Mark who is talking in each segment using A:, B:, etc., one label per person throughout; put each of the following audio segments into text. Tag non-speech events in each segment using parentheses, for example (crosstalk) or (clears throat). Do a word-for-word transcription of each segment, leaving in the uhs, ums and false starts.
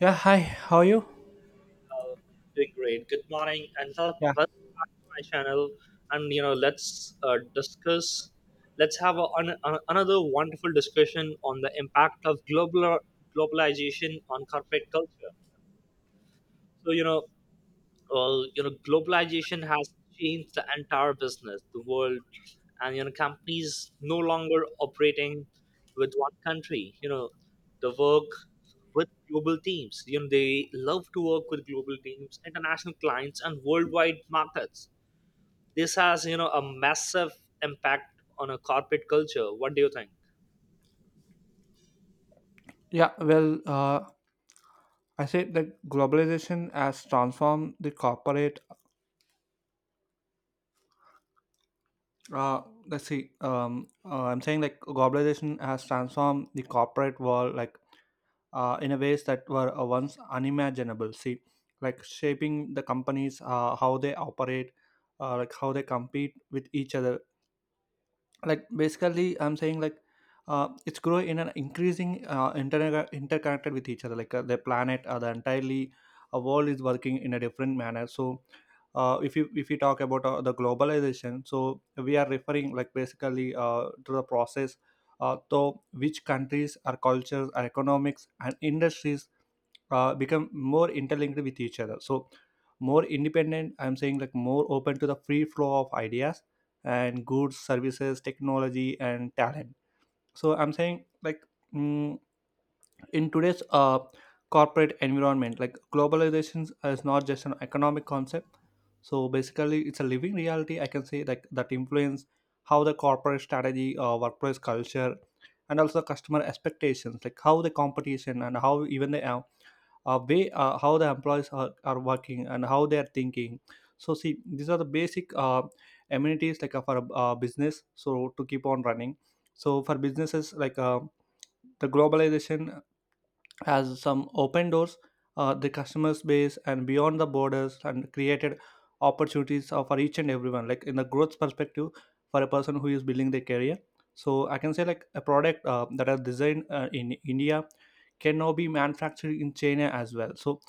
A: Yeah, hi. How are you?
B: Uh, Doing great. Good morning, and so
A: Yeah.
B: welcome back to my channel. And you know, let's uh, discuss. Let's have a, an, an, another wonderful discussion on the impact of global globalization on corporate culture. So you know, well, you know, Globalization has changed the entire business, the world, and you know, companies no longer operating with one country. You know, they work with global teams. You know, they love to work with global teams, international clients, and worldwide markets. This has you know a massive impact on a corporate culture. What do you think?
A: Yeah, well, uh, I say that globalization has transformed the corporate. Uh, let's see. Um, uh, I'm saying like globalization has transformed the corporate world, like uh, in a ways that were uh, once unimaginable. See, like shaping the companies, uh, how they operate, uh, like how they compete with each other, like basically I'm saying like uh, it's grow in an increasing uh, inter- interconnected with each other, like uh, the planet or the entirely a world is working in a different manner. So uh, if you if you talk about uh, the globalization, so we are referring like basically uh, to the process uh, to which countries or cultures or economics and industries uh, become more interlinked with each other, so more independent. I'm saying like more open to the free flow of ideas and goods, services, technology and talent. So I'm saying like mm, in today's uh, corporate environment, like globalization is not just an economic concept, so basically it's a living reality, I can say, like that influence how the corporate strategy, uh, workplace culture and also customer expectations, like how the competition and how even the uh, uh, way uh, how the employees are, are working and how they are thinking. So see, these are the basic uh, amenities like uh, for a uh, business, so to keep on running. So for businesses, like uh, the globalization has some open doors, uh, the customer base and beyond the borders, and created opportunities uh, for each and everyone, like in the growth perspective, for a person who is building their career. So I can say like a product uh, that are designed uh, in India can now be manufactured in China as well. So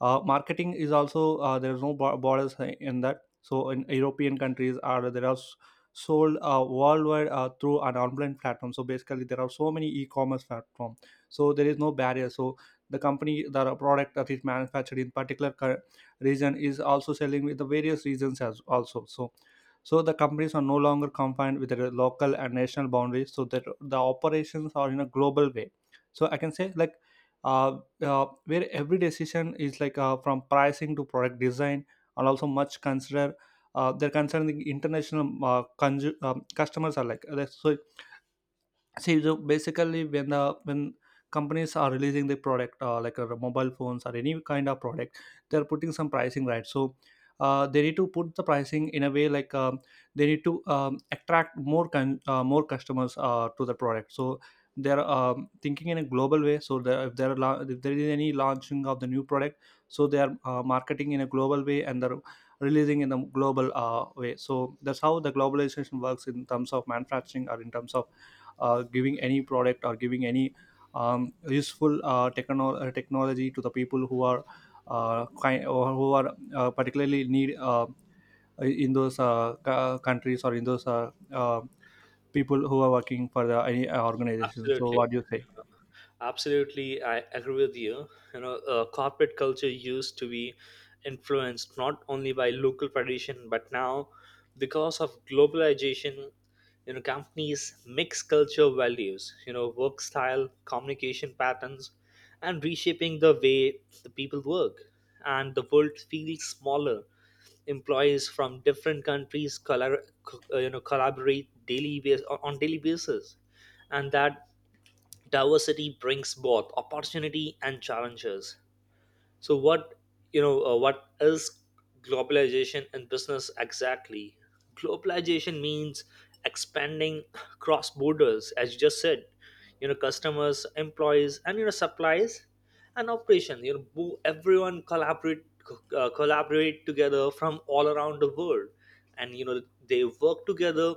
A: uh, marketing is also uh, there is no bo- borders in that. So in European countries are there are s- sold uh, worldwide uh, through an online platform. So basically there are so many e-commerce platforms, so there is no barrier. So the company, the product that is manufactured in particular cur- region is also selling with the various regions as also. So so the companies are no longer confined with their local and national boundaries, so that the operations are in a global way. So I can say like uh, uh, where every decision is like uh, from pricing to product design and also much consider uh, they're concerning international uh, conju- um, customers are like uh, so. See, so basically when the when companies are releasing the product uh, like uh, mobile phones or any kind of product, they're putting some pricing, right? So uh, they need to put the pricing in a way like um, they need to um, attract more con- uh, more customers uh, to the product. So they're um, thinking in a global way. So the, if there are la- if there is any launching of the new product, so they are uh, marketing in a global way, and they're releasing in a global uh, way. So that's how the globalization works in terms of manufacturing or in terms of uh, giving any product or giving any um, useful uh, techno- uh, technology to the people who are uh, kind or who are uh, particularly need uh, in those uh, c- countries or in those uh, uh, people who are working for the any uh, organization. So
B: Absolutely.
A: what do you say?
B: Absolutely, I agree with you. You know, uh, corporate culture used to be influenced not only by local tradition, but now because of globalization, you know, companies mix cultural values, you know, work style, communication patterns, and reshaping the way the people work. And the world feels smaller. Employees from different countries, collab- co- uh, you know, collaborate daily bas- on daily basis, and that diversity brings both opportunity and challenges. So what, you know uh, what is globalization in business exactly? Globalization means expanding cross borders, as you just said. You know, customers, employees, and you know supplies and operation, you know, who- everyone collaborate co- uh, collaborate together from all around the world. And you know, they work together,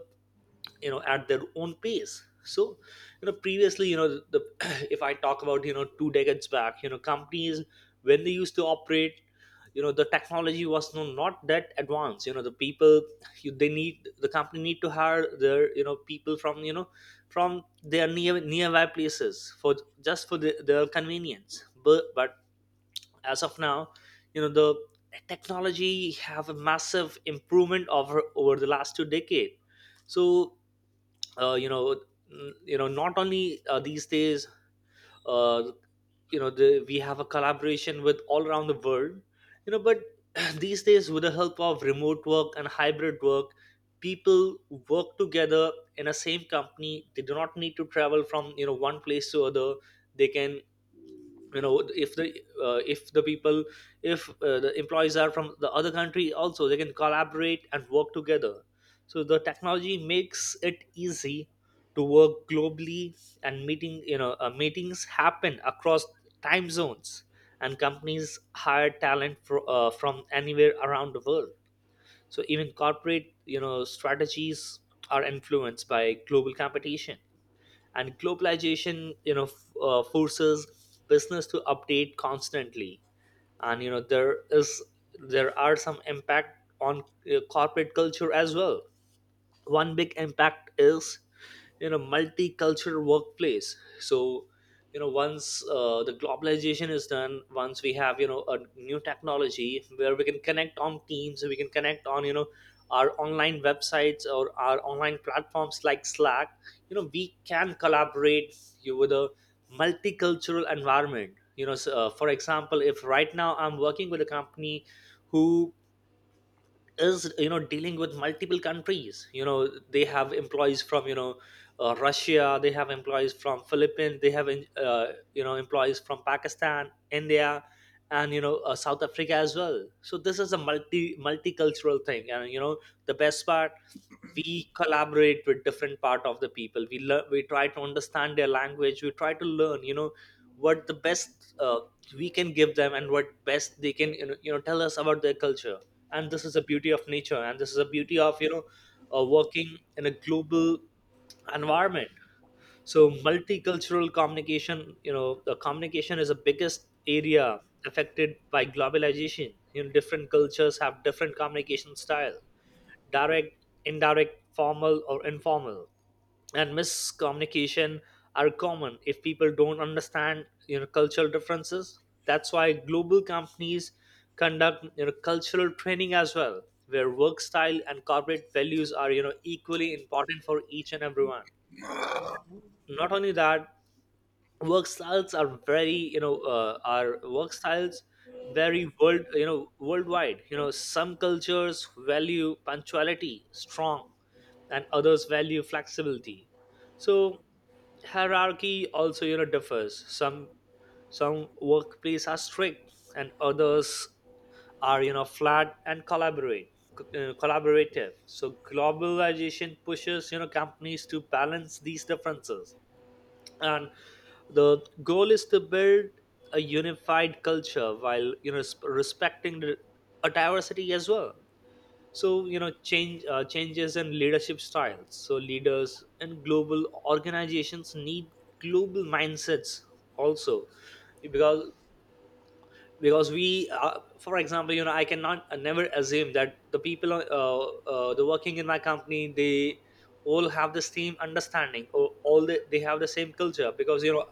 B: you know, at their own pace. So you know, previously, you know, the (clears throat) if I talk about, you know, two decades back, you know, companies, when they used to operate, you know, the technology was no, not that advanced. You know, the people, you, they need, the company need to hire their, you know, people from, you know, from their near nearby places for just for the, their convenience. But but as of now, you know, the technology have a massive improvement over over the last two decade. So uh, you know n- you know, not only uh, these days, uh, you know the, we have a collaboration with all around the world, you know. But (clears throat) these days, with the help of remote work and hybrid work, people work together in a same company. They do not need to travel from, you know, one place to other. They can, you know, if the uh, if the people, if uh, the employees are from the other country also, they can collaborate and work together. So the technology makes it easy to work globally, and meeting you know uh, meetings happen across time zones, and companies hire talent for, uh, from anywhere around the world. So even corporate, you know, strategies are influenced by global competition, and globalization, you know, f- uh, forces business to update constantly. And you know, there is there are some impact on, uh, corporate culture as well. One big impact is, you know, multicultural workplace. So you know, once, uh, the globalization is done, once we have, you know, a new technology where we can connect on teams, we can connect on, you know, our online websites or our online platforms like Slack, you know, we can collaborate you with a multicultural environment, you know. So, uh, for example, if right now I'm working with a company who is, you know, dealing with multiple countries, you know, they have employees from, you know, uh, Russia, they have employees from Philippines, they have, uh, you know, employees from Pakistan, India, and you know, uh, South Africa as well. So this is a multi multicultural thing, and you know, the best part, we collaborate with different part of the people. We learn, we try to understand their language, we try to learn, you know, what the best uh, we can give them, and what best they can, you know, you know, tell us about their culture. And this is the beauty of nature, and this is the beauty of, you know, uh, working in a global environment. So multicultural communication, you know, the communication is the biggest area affected by globalization. You know, different cultures have different communication style, direct, indirect, formal or informal, and miscommunication are common if people don't understand, you know, cultural differences. That's why global companies conduct, you know, cultural training as well, where work style and corporate values are, you know, equally important for each and everyone. Not only that, work styles are very you know uh, are work styles very world you know, worldwide. You know, some cultures value punctuality strong, and others value flexibility. So hierarchy also, you know, differs. Some some workplace are strict, and others are, you know, flat and collaborate uh, collaborative. So globalization pushes, you know, companies to balance these differences, and the goal is to build a unified culture while, you know, sp- respecting the, a diversity as well. So you know, change uh, changes in leadership styles, so leaders and global organizations need global mindsets also, because because we, uh, for example, you know, I cannot, uh, never assume that the people, uh, uh, the working in my company, they all have the same understanding, or all the, they have the same culture. Because you know,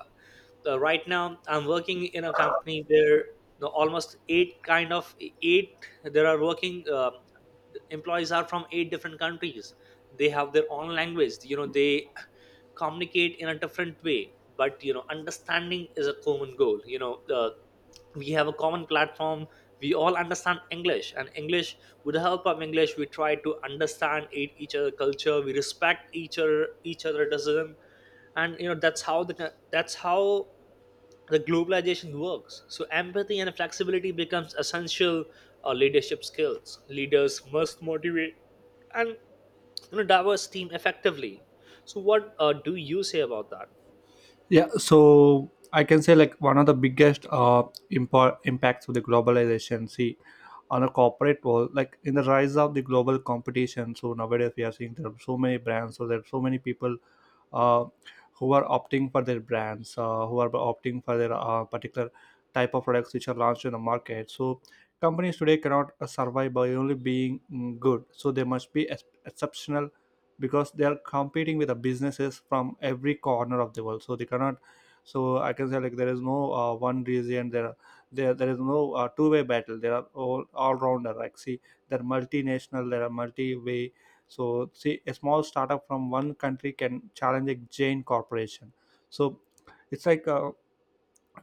B: uh, right now I'm working in a company where, you know, almost eight kind of eight there are working, uh, employees are from eight different countries. They have their own language. You know, they communicate in a different way, but you know, understanding is a common goal. You know, uh, we have a common platform. We all understand English, and English, with the help of English, we try to understand e- each other culture. We respect each other, each other decision. And you know, that's how the that's how the globalization works. So empathy and flexibility becomes essential. Uh, leadership skills, leaders must motivate and, you know, diverse team effectively. So what, uh, do you say about that?
A: Yeah, so I can say like one of the biggest uh, impor- impacts of the globalization. See, on a corporate world, like in the rise of the global competition. So nowadays we are seeing there are so many brands, so there are so many people uh, who are opting for their brands, uh, who are opting for their uh, particular type of products which are launched in the market. So companies today cannot uh, survive by only being mm, good. So they must be ex- exceptional because they are competing with the businesses from every corner of the world. So they cannot. So I can say like there is no uh, one reason. There are- there there is no uh, two way battle. There are all all rounder. Like see, they're multinational. There are multi way. So, see, a small startup from one country can challenge a giant corporation. So, it's like uh,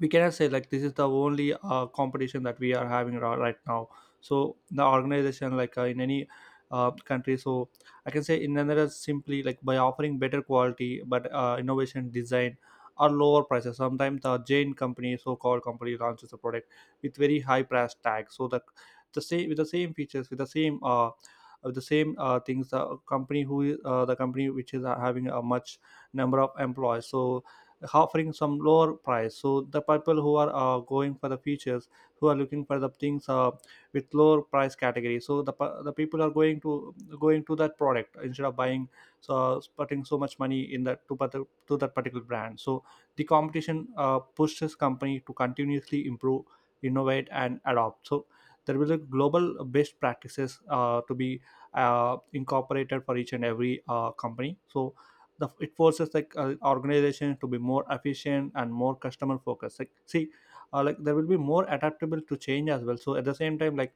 A: we cannot say like this is the only uh, competition that we are having ri- right now. So the organization, like uh, in any uh, country. So I can say in another simply, like by offering better quality but uh, innovation design or lower prices, sometimes the Jane company, so called company, launches a product with very high price tag. So the the same with the same features, with the same uh with the same uh, things, the company who is uh, the company which is uh, having a much number of employees, so offering some lower price. So the people who are uh, going for the features, who are looking for the things uh, with lower price category, so the, pe- the people are going to going to that product instead of buying, so putting so much money in that to, pat- to that particular brand. So the competition uh, pushes company to continuously improve, innovate and adopt. So there will be global best practices uh, to be uh, incorporated for each and every uh, company. So the it forces like uh, organizations to be more efficient and more customer focused, like see uh, like there will be more adaptable to change as well. So at the same time, like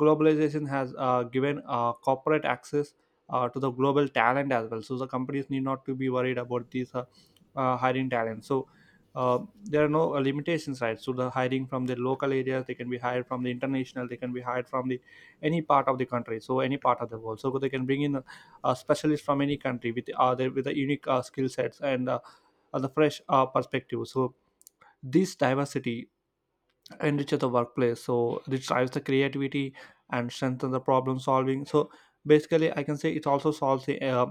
A: globalization has uh, given uh, corporate access uh, to the global talent as well. So the companies need not to be worried about these uh, uh, hiring talent. So uh, there are no uh, limitations, right? So the hiring from the local areas, they can be hired from the international, they can be hired from the any part of the country, so any part of the world. So they can bring in uh, specialists from any country with uh, their, with the unique uh, skill sets and uh, uh, the fresh uh, perspective. So this diversity enrich the workplace, so it drives the creativity and strengthen the problem solving. So basically I can say it also solves the uh,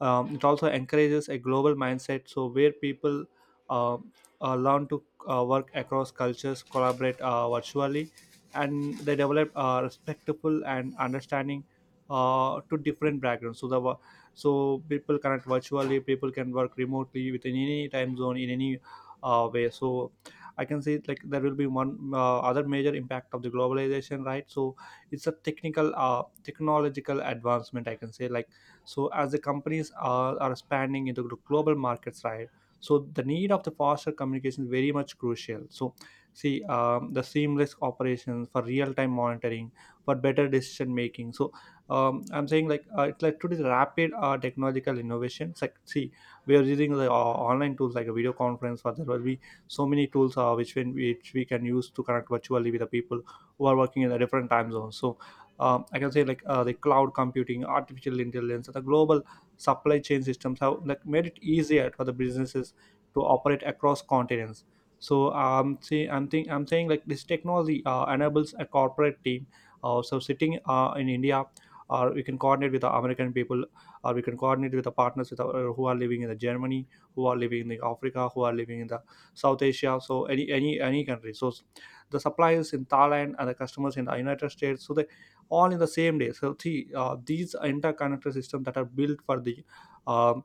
A: um, it also encourages a global mindset, so where people uh, uh, learn to uh, work across cultures, collaborate uh, virtually, and they develop uh, respectful and understanding uh, to different backgrounds. So the wo- so people connect virtually, people can work remotely within any time zone in any uh, way. So I can see it like there will be one uh, other major impact of the globalization, right? So it's a technical uh, technological advancement, I can say like. So as the companies are, are expanding into the global markets, right? So the need of the faster communication is very much crucial. So see, um, the seamless operations for real-time monitoring, for better decision making. So um, I'm saying like uh, it's like to this rapid uh, technological innovations, like see, we are using the uh, online tools like a video conference. For there will be so many tools uh, which when which we can use to connect virtually with the people who are working in the different time zones. So um, I can say like uh, the cloud computing, artificial intelligence, and the global supply chain systems have like made it easier for the businesses to operate across continents. So um, see, I'm think I'm saying like this technology uh, enables a corporate team. Uh, so sitting uh, in India, or we can coordinate with the American people, or we can coordinate with the partners with our, who are living in the Germany, who are living in the Africa, who are living in the South Asia, so any any any country. So s- the suppliers in Thailand and the customers in the United States, so they all in the same day. So see, uh, these interconnected systems that are built for the um,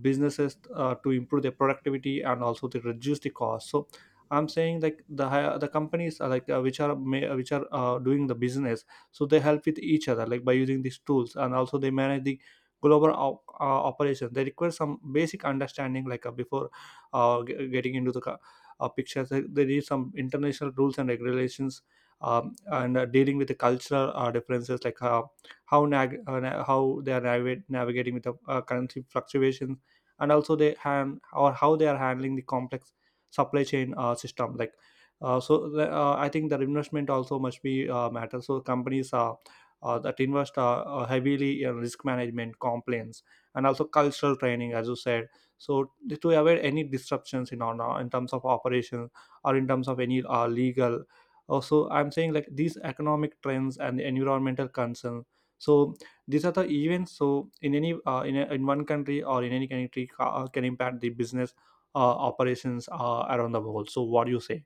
A: businesses uh, to improve their productivity and also to reduce the cost. So I'm saying like the hi- the companies are like uh, which are ma- which are uh, doing the business, so they help with each other like by using these tools, and also they manage the global op- uh, operation. They require some basic understanding like uh, before uh, g- getting into the ca- uh, pictures. There is some international rules and regulations, um, and uh, dealing with the cultural uh, differences, like uh, how nag- uh, na- how they are navigate- navigating with the uh, currency fluctuations, and also they hand or how they are handling the complex supply chain uh, system, like. Uh, so the, uh, I think the investment also must be uh, matter. So companies are uh, that invest uh, uh, heavily in risk management, compliance, and also cultural training, as you said, so to avoid any disruptions in our in terms of operations or in terms of any uh, legal. Also, I'm saying like these economic trends and the environmental concerns. So these are the events, so in any uh, in, a, in one country or in any country ca- can impact the business uh, operations uh, around the world. So what do you say?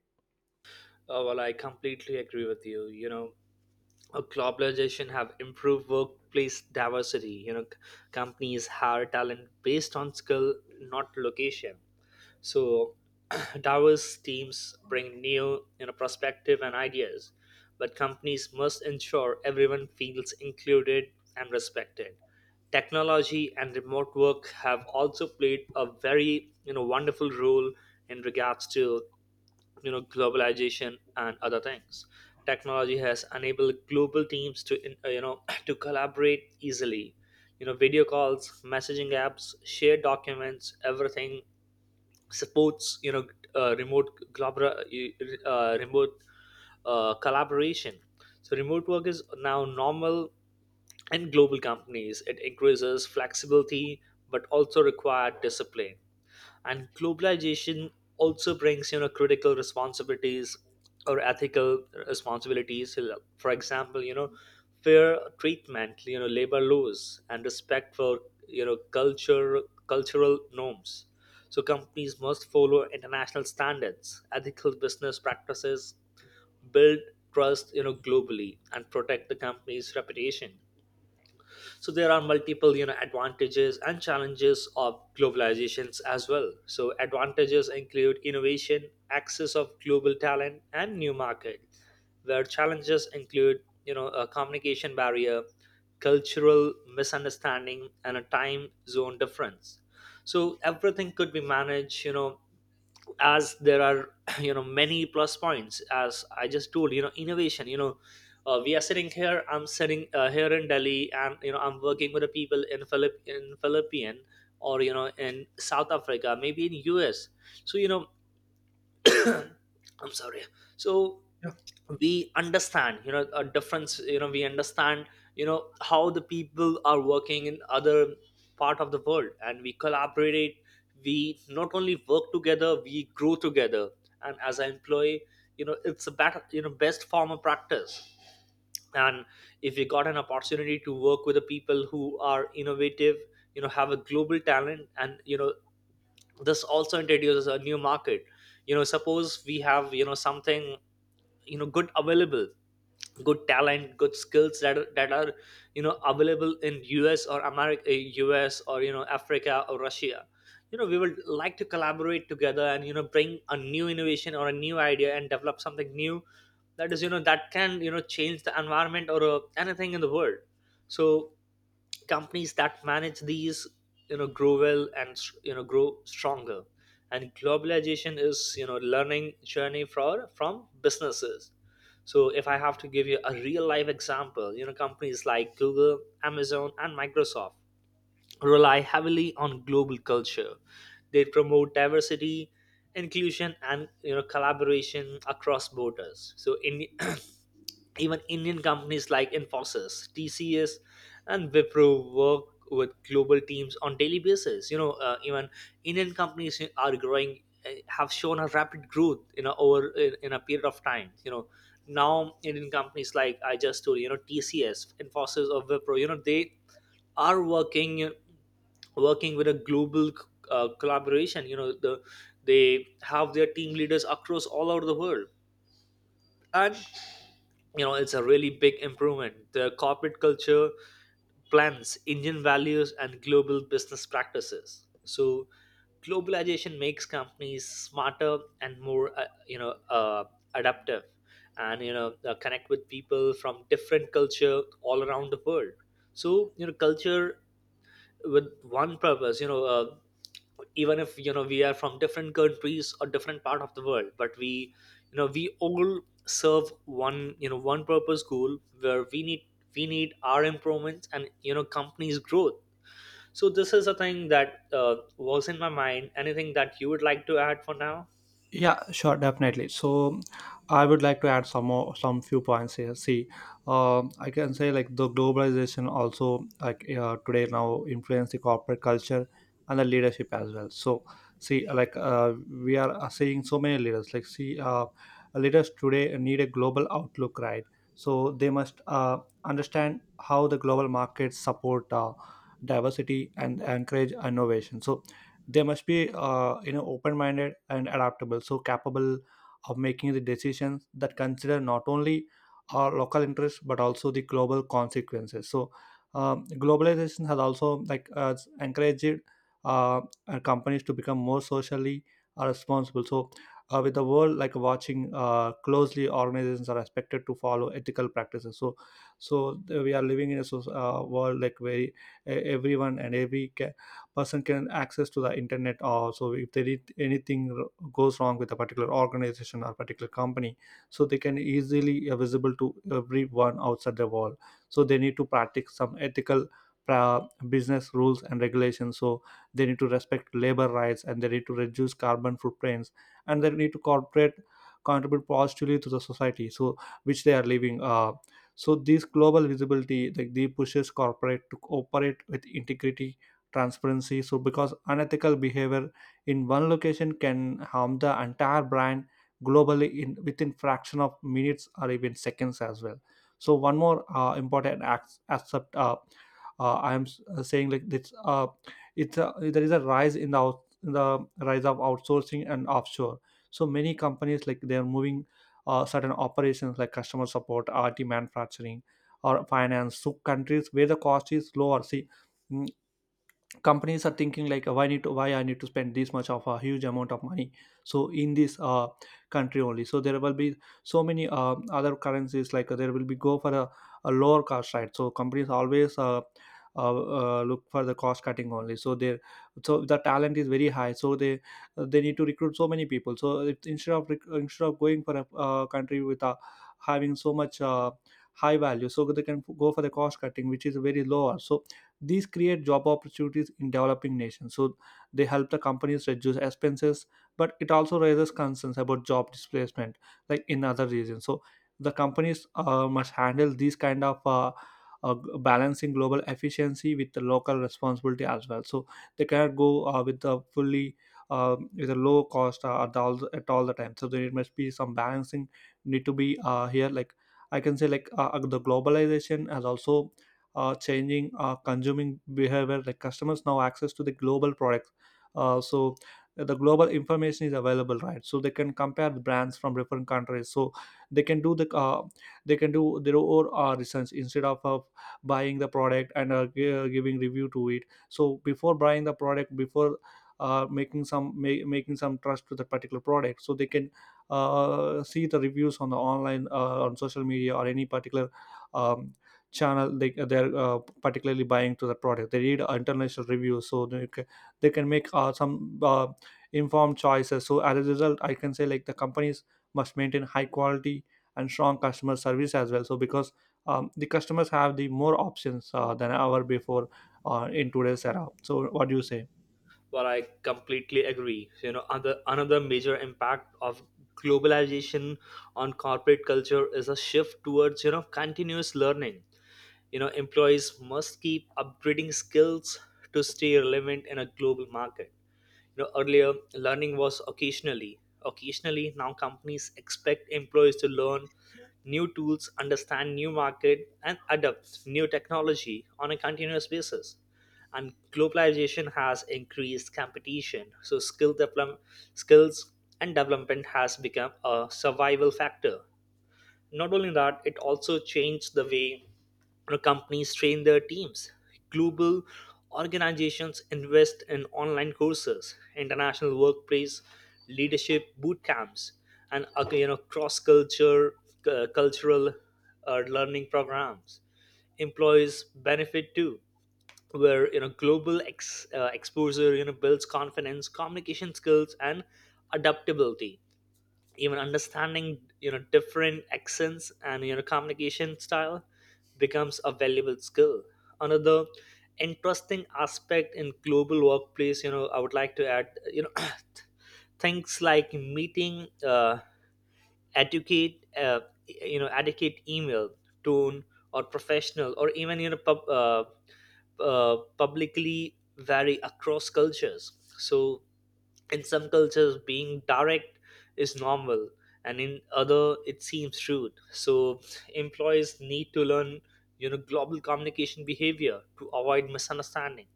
B: Uh, well I completely agree with you. You know, uh, globalization have improved workplace diversity. You know, c- companies hire talent based on skill, not location. So (clears throat) diverse teams bring new, you know, perspective and ideas, but companies must ensure everyone feels included and respected. Technology and remote work have also played a very, you know, wonderful role in regards to, you know, globalization and other things. Technology has enabled global teams to in- uh, you know, (clears throat) to collaborate easily. You know, video calls, messaging apps, shared documents, everything supports, you know, uh, remote globra, uh, remote, uh, collaboration. So remote work is now normal in global companies. It increases flexibility, but also required discipline. And globalization also brings, you know, critical responsibilities or ethical responsibilities. For example, you know, fair treatment, you know, labor laws, and respect for, you know, culture cultural norms. So companies must follow international standards, ethical business practices, build trust, you know, globally, and protect the company's reputation. So there are multiple, you know, advantages and challenges of globalizations as well. So advantages include innovation, access of global talent, and new market, where challenges include, you know, a communication barrier, cultural misunderstanding, and a time zone difference. So everything could be managed, you know, as there are (clears throat) you know, many plus points. As I just told, you know, innovation, you know, uh, we are sitting here, I'm sitting uh, here in Delhi, and you know, I'm working with the people in philip in Philippine, or you know, in South Africa, maybe in US. So you know, (clears throat) I'm sorry. So we understand, you know, a difference. You know, we understand, you know, how the people are working in other part of the world, and we collaborate. We not only work together, we grow together. And as an employee, you know, it's a better, you know, best form of practice. And if you got an opportunity to work with the people who are innovative, you know, have a global talent, and you know, this also introduces a new market. You know, suppose we have, you know, something, you know, good available, good talent, good skills that are, that are, you know, available in us or America, US, or you know, Africa or Russia. You know, we would like to collaborate together, and you know, bring a new innovation or a new idea, and develop something new that is, you know, that can, you know, change the environment or, uh, anything in the world. So companies that manage these, you know, grow well, and you know, grow stronger. And globalization is, you know, learning journey for from businesses. So if I have to give you a real life example, you know, companies like Google, Amazon, and Microsoft rely heavily on global culture. They promote diversity, inclusion, and you know, collaboration across borders. So in (clears throat) even Indian companies like Infosys, T C S, and Wipro work with global teams on daily basis. You know, uh, even Indian companies are growing, uh, have shown a rapid growth in a, over in, in a period of time. You know, now Indian companies like I just told you, you know, T C S, Infosys, or Wipro, you know, they are working working with a global uh, collaboration. You know, the they have their team leaders across all over the world, and you know it's a really big improvement. The corporate culture plans Indian values and global business practices. So globalization makes companies smarter and more uh, you know uh, adaptive, and you know uh, connect with people from different culture all around the world. So you know culture with one purpose. You know uh, even if you know we are from different countries or different part of the world, but we, you know, we all serve one, you know, one purpose goal where we need, we need our improvements and you know companies growth. So this is a thing that uh, was in my mind. Anything that you would like to add for now?
A: Yeah, sure, definitely. So, I would like to add some more, some few points here. See, um, I can say like the globalization also like uh, today now influence the corporate culture and the leadership as well. So, see, like uh, we are uh, seeing so many leaders. Like, see, uh, leaders today need a global outlook, right? So they must uh, understand how the global markets support uh, diversity and encourage innovation. So they must be uh, you know, open-minded and adaptable, so capable of making the decisions that consider not only our local interests but also the global consequences. So um, globalization has also like uh, encouraged uh, uh, companies to become more socially uh, responsible. So uh, with the world like watching uh, closely, organizations are expected to follow ethical practices. So so th- we are living in a soc- uh, world like where e- everyone and every ca- person can access to the internet, or so if there is anything r- goes wrong with a particular organization or particular company, so they can easily uh, visible to everyone outside the wall. So they need to practice some ethical pra- business rules and regulations. So they need to respect labor rights, and they need to reduce carbon footprints, and they need to corporate contribute positively to the society, so which they are living, uh, so this global visibility like they pushes corporate to operate with integrity, transparency, so because unethical behavior in one location can harm the entire brand globally in within fraction of minutes or even seconds as well. So one more uh, important ac- aspect, uh, uh, I am s- uh, saying like this, uh, it's a, there is a rise in the out, in the rise of outsourcing and offshore. So many companies like they are moving uh, certain operations like customer support, rt manufacturing, or finance to countries where the cost is lower. See, mm, companies are thinking like why need to why I need to spend this much of a huge amount of money. So in this uh, country only, so there will be so many uh, other currencies, like uh, there will be go for a, a lower cost, right? So companies always uh, uh, uh, look for the cost cutting only. So they, so the talent is very high, so they they need to recruit so many people, so it, instead of rec- instead of going for a uh, country with a, having so much uh, high value, so they can go for the cost cutting which is very lower. So these create job opportunities in developing nations. So they help the companies reduce expenses, but it also raises concerns about job displacement, like in other regions. So the companies uh, must handle these kind of uh, uh, balancing global efficiency with the local responsibility as well. So they cannot go uh, with the fully um, with a low cost uh, at all at all the time. So there must be some balancing need to be uh, here. Like I can say, like uh, the globalization has also uh, changing uh, consuming behavior like customers now access to the global products, uh, so the global information is available, right? So they can compare the brands from different countries, so they can do the uh, they can do their own uh, research instead of uh, buying the product and uh, gi- uh, giving review to it. So before buying the product, before uh, making some ma- making some trust to the particular product, so they can uh, see the reviews on the online, uh, on social media or any particular um, channel they they're uh, particularly buying to the product, they read international reviews, so they can, they can make uh, some uh, informed choices. So as a result, I can say like the companies must maintain high quality and strong customer service as well. So because um, the customers have the more options uh, than ever before uh, in today's era. So what do you say?
B: Well, I completely agree. You know, other, another major impact of globalization on corporate culture is a shift towards, you know, continuous learning. You know, employees must keep upgrading skills to stay relevant in a global market. You know, earlier learning was occasionally occasionally. Now companies expect employees to learn new tools, understand new market, and adopt new technology on a continuous basis. And globalization has increased competition, so skill develop, skills and development has become a survival factor. Not only that, it also changed the way, you know, companies train their teams. Global organizations invest in online courses, international workplace leadership boot camps, and uh, you know, cross-culture uh, cultural uh, learning programs. Employees benefit too, where you know global ex, uh, exposure you know builds confidence, communication skills, and adaptability. Even understanding you know different accents and you know communication style becomes a valuable skill. Another interesting aspect in global workplace, you know, I would like to add, you know, (coughs) (clears throat) things like meeting uh, educate uh, you know, educate email tone or professional, or even you know pub, uh, uh, publicly vary across cultures. So in some cultures, being direct is normal, and in other, it seems rude. So employees need to learn, you know, global communication behavior to avoid misunderstanding.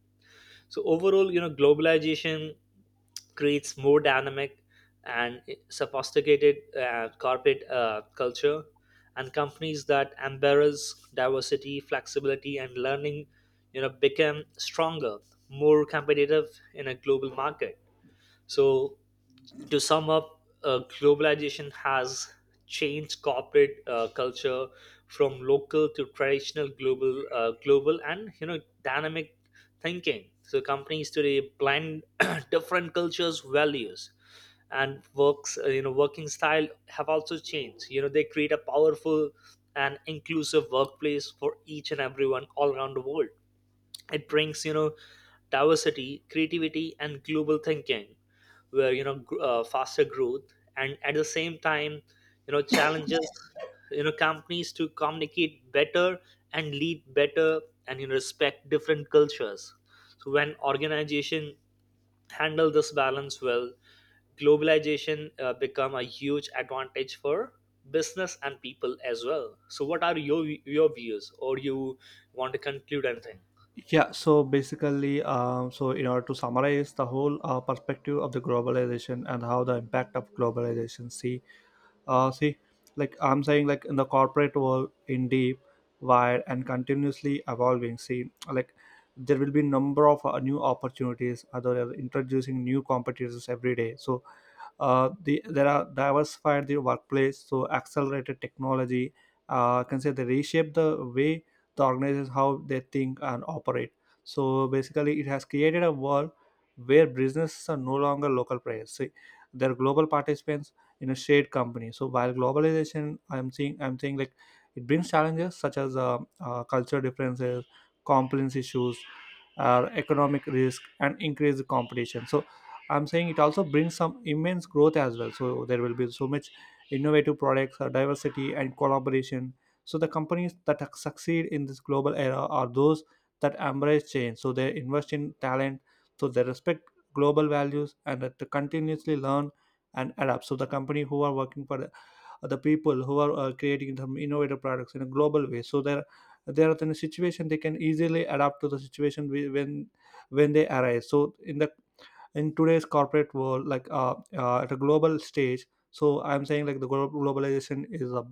B: So overall, you know, globalization creates more dynamic and sophisticated uh, corporate uh, culture, and companies that embrace diversity, flexibility, and learning, you know, become stronger, more competitive in a global market. So to sum up, uh, globalization has changed corporate uh, culture from local to traditional global, uh, global, and you know dynamic thinking. So companies today blend (coughs) (clears throat) different cultures, values, and works. uh, You know, working style have also changed. You know, they create a powerful and inclusive workplace for each and everyone all around the world. It brings you know diversity, creativity, and global thinking, where you know gr- uh, faster growth, and at the same time, you know challenges, you know companies to communicate better and lead better, and you know respect different cultures. So when organization handle this balance well, globalization uh, become a huge advantage for business and people as well. So, what are your your views, or you want to conclude anything?
A: Yeah, so basically, um, so in order to summarize the whole uh, perspective of the globalization and how the impact of globalization, see uh, see, like I'm saying like in the corporate world in deep, wide and continuously evolving. See, like there will be number of uh, new opportunities, other introducing new competitors every day. So uh, the, there are diversified the workplace, so accelerated technology, uh, can say they reshape the way the organizations how they think and operate. So basically it has created a world where businesses are no longer local players. See, they're global participants in a shared company. So while globalization, i'm seeing I'm saying like it brings challenges such as uh, uh, culture differences, compliance issues, uh, economic risk and increased competition. So I'm saying it also brings some immense growth as well. So there will be so much innovative products, uh, diversity, and collaboration. So the companies that ac- succeed in this global era are those that embrace change. So they invest in talent, so they respect global values, and that they continuously learn and adapt. So the company who are working for the, uh, the people who are uh, creating some innovative products in a global way. So they're they are in a situation, they can easily adapt to the situation whe- when when they arise. So in the, in today's corporate world, like uh, uh, at a global stage, so I'm saying like the glo- globalization is a,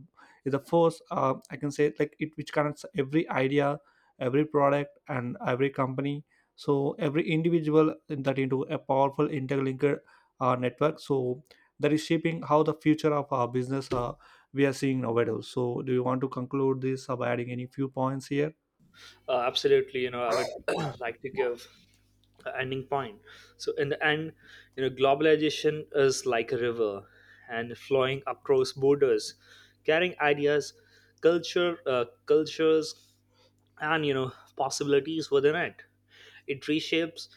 A: is a force. uh, I can say like it which connects every idea, every product and every company, so every individual in that into a powerful interlinked uh, network, so that is shaping how the future of our business uh, we are seeing nowadays. So do you want to conclude this by adding any few points here?
B: Uh, absolutely, you know, I would (clears throat) like to give a ending point. So in the end, you know, globalization is like a river and flowing across borders, carrying ideas, culture, uh, cultures, and you know possibilities within it. It reshapes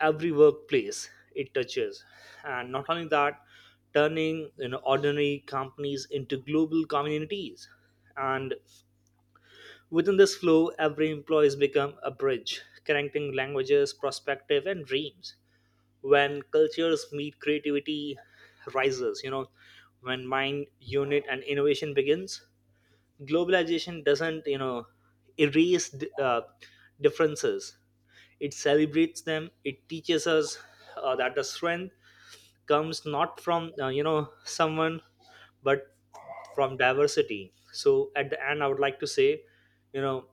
B: every workplace it touches, and not only that, turning you know ordinary companies into global communities, and within this flow, every employee has become a bridge, connecting languages, perspective, and dreams. When cultures meet, creativity rises. You know, when mind, unit, and innovation begins, globalization doesn't, you know, erase d- uh, differences. It celebrates them. It teaches us uh, that the strength comes not from, uh, you know, someone, but from diversity. So at the end, I would like to say, you know,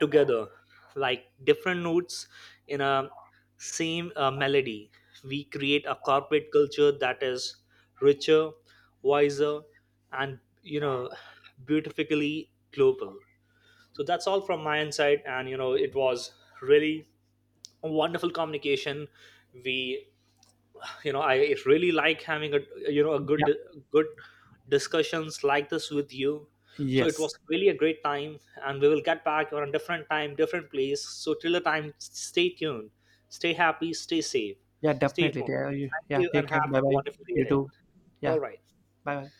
B: together like different notes in a same uh, melody, we create a corporate culture that is richer, wiser, and you know beautifically global. So that's all from my insight, and you know it was really a wonderful communication. We, you know, I really like having a, you know, a
A: Yeah.
B: good good discussions like this with you. So it was
A: Yes.
B: really a great time, and we will get back on a different time, different place. So till the time, s- stay tuned, stay happy, stay safe,
A: Yeah,
B: stay
A: definitely.
B: home.
A: Yeah, you-
B: Thank
A: yeah,
B: you and
A: take care,
B: have
A: bye
B: a
A: bye.
B: wonderful day
A: You
B: ahead.
A: too. Yeah.
B: All right.
A: Bye bye.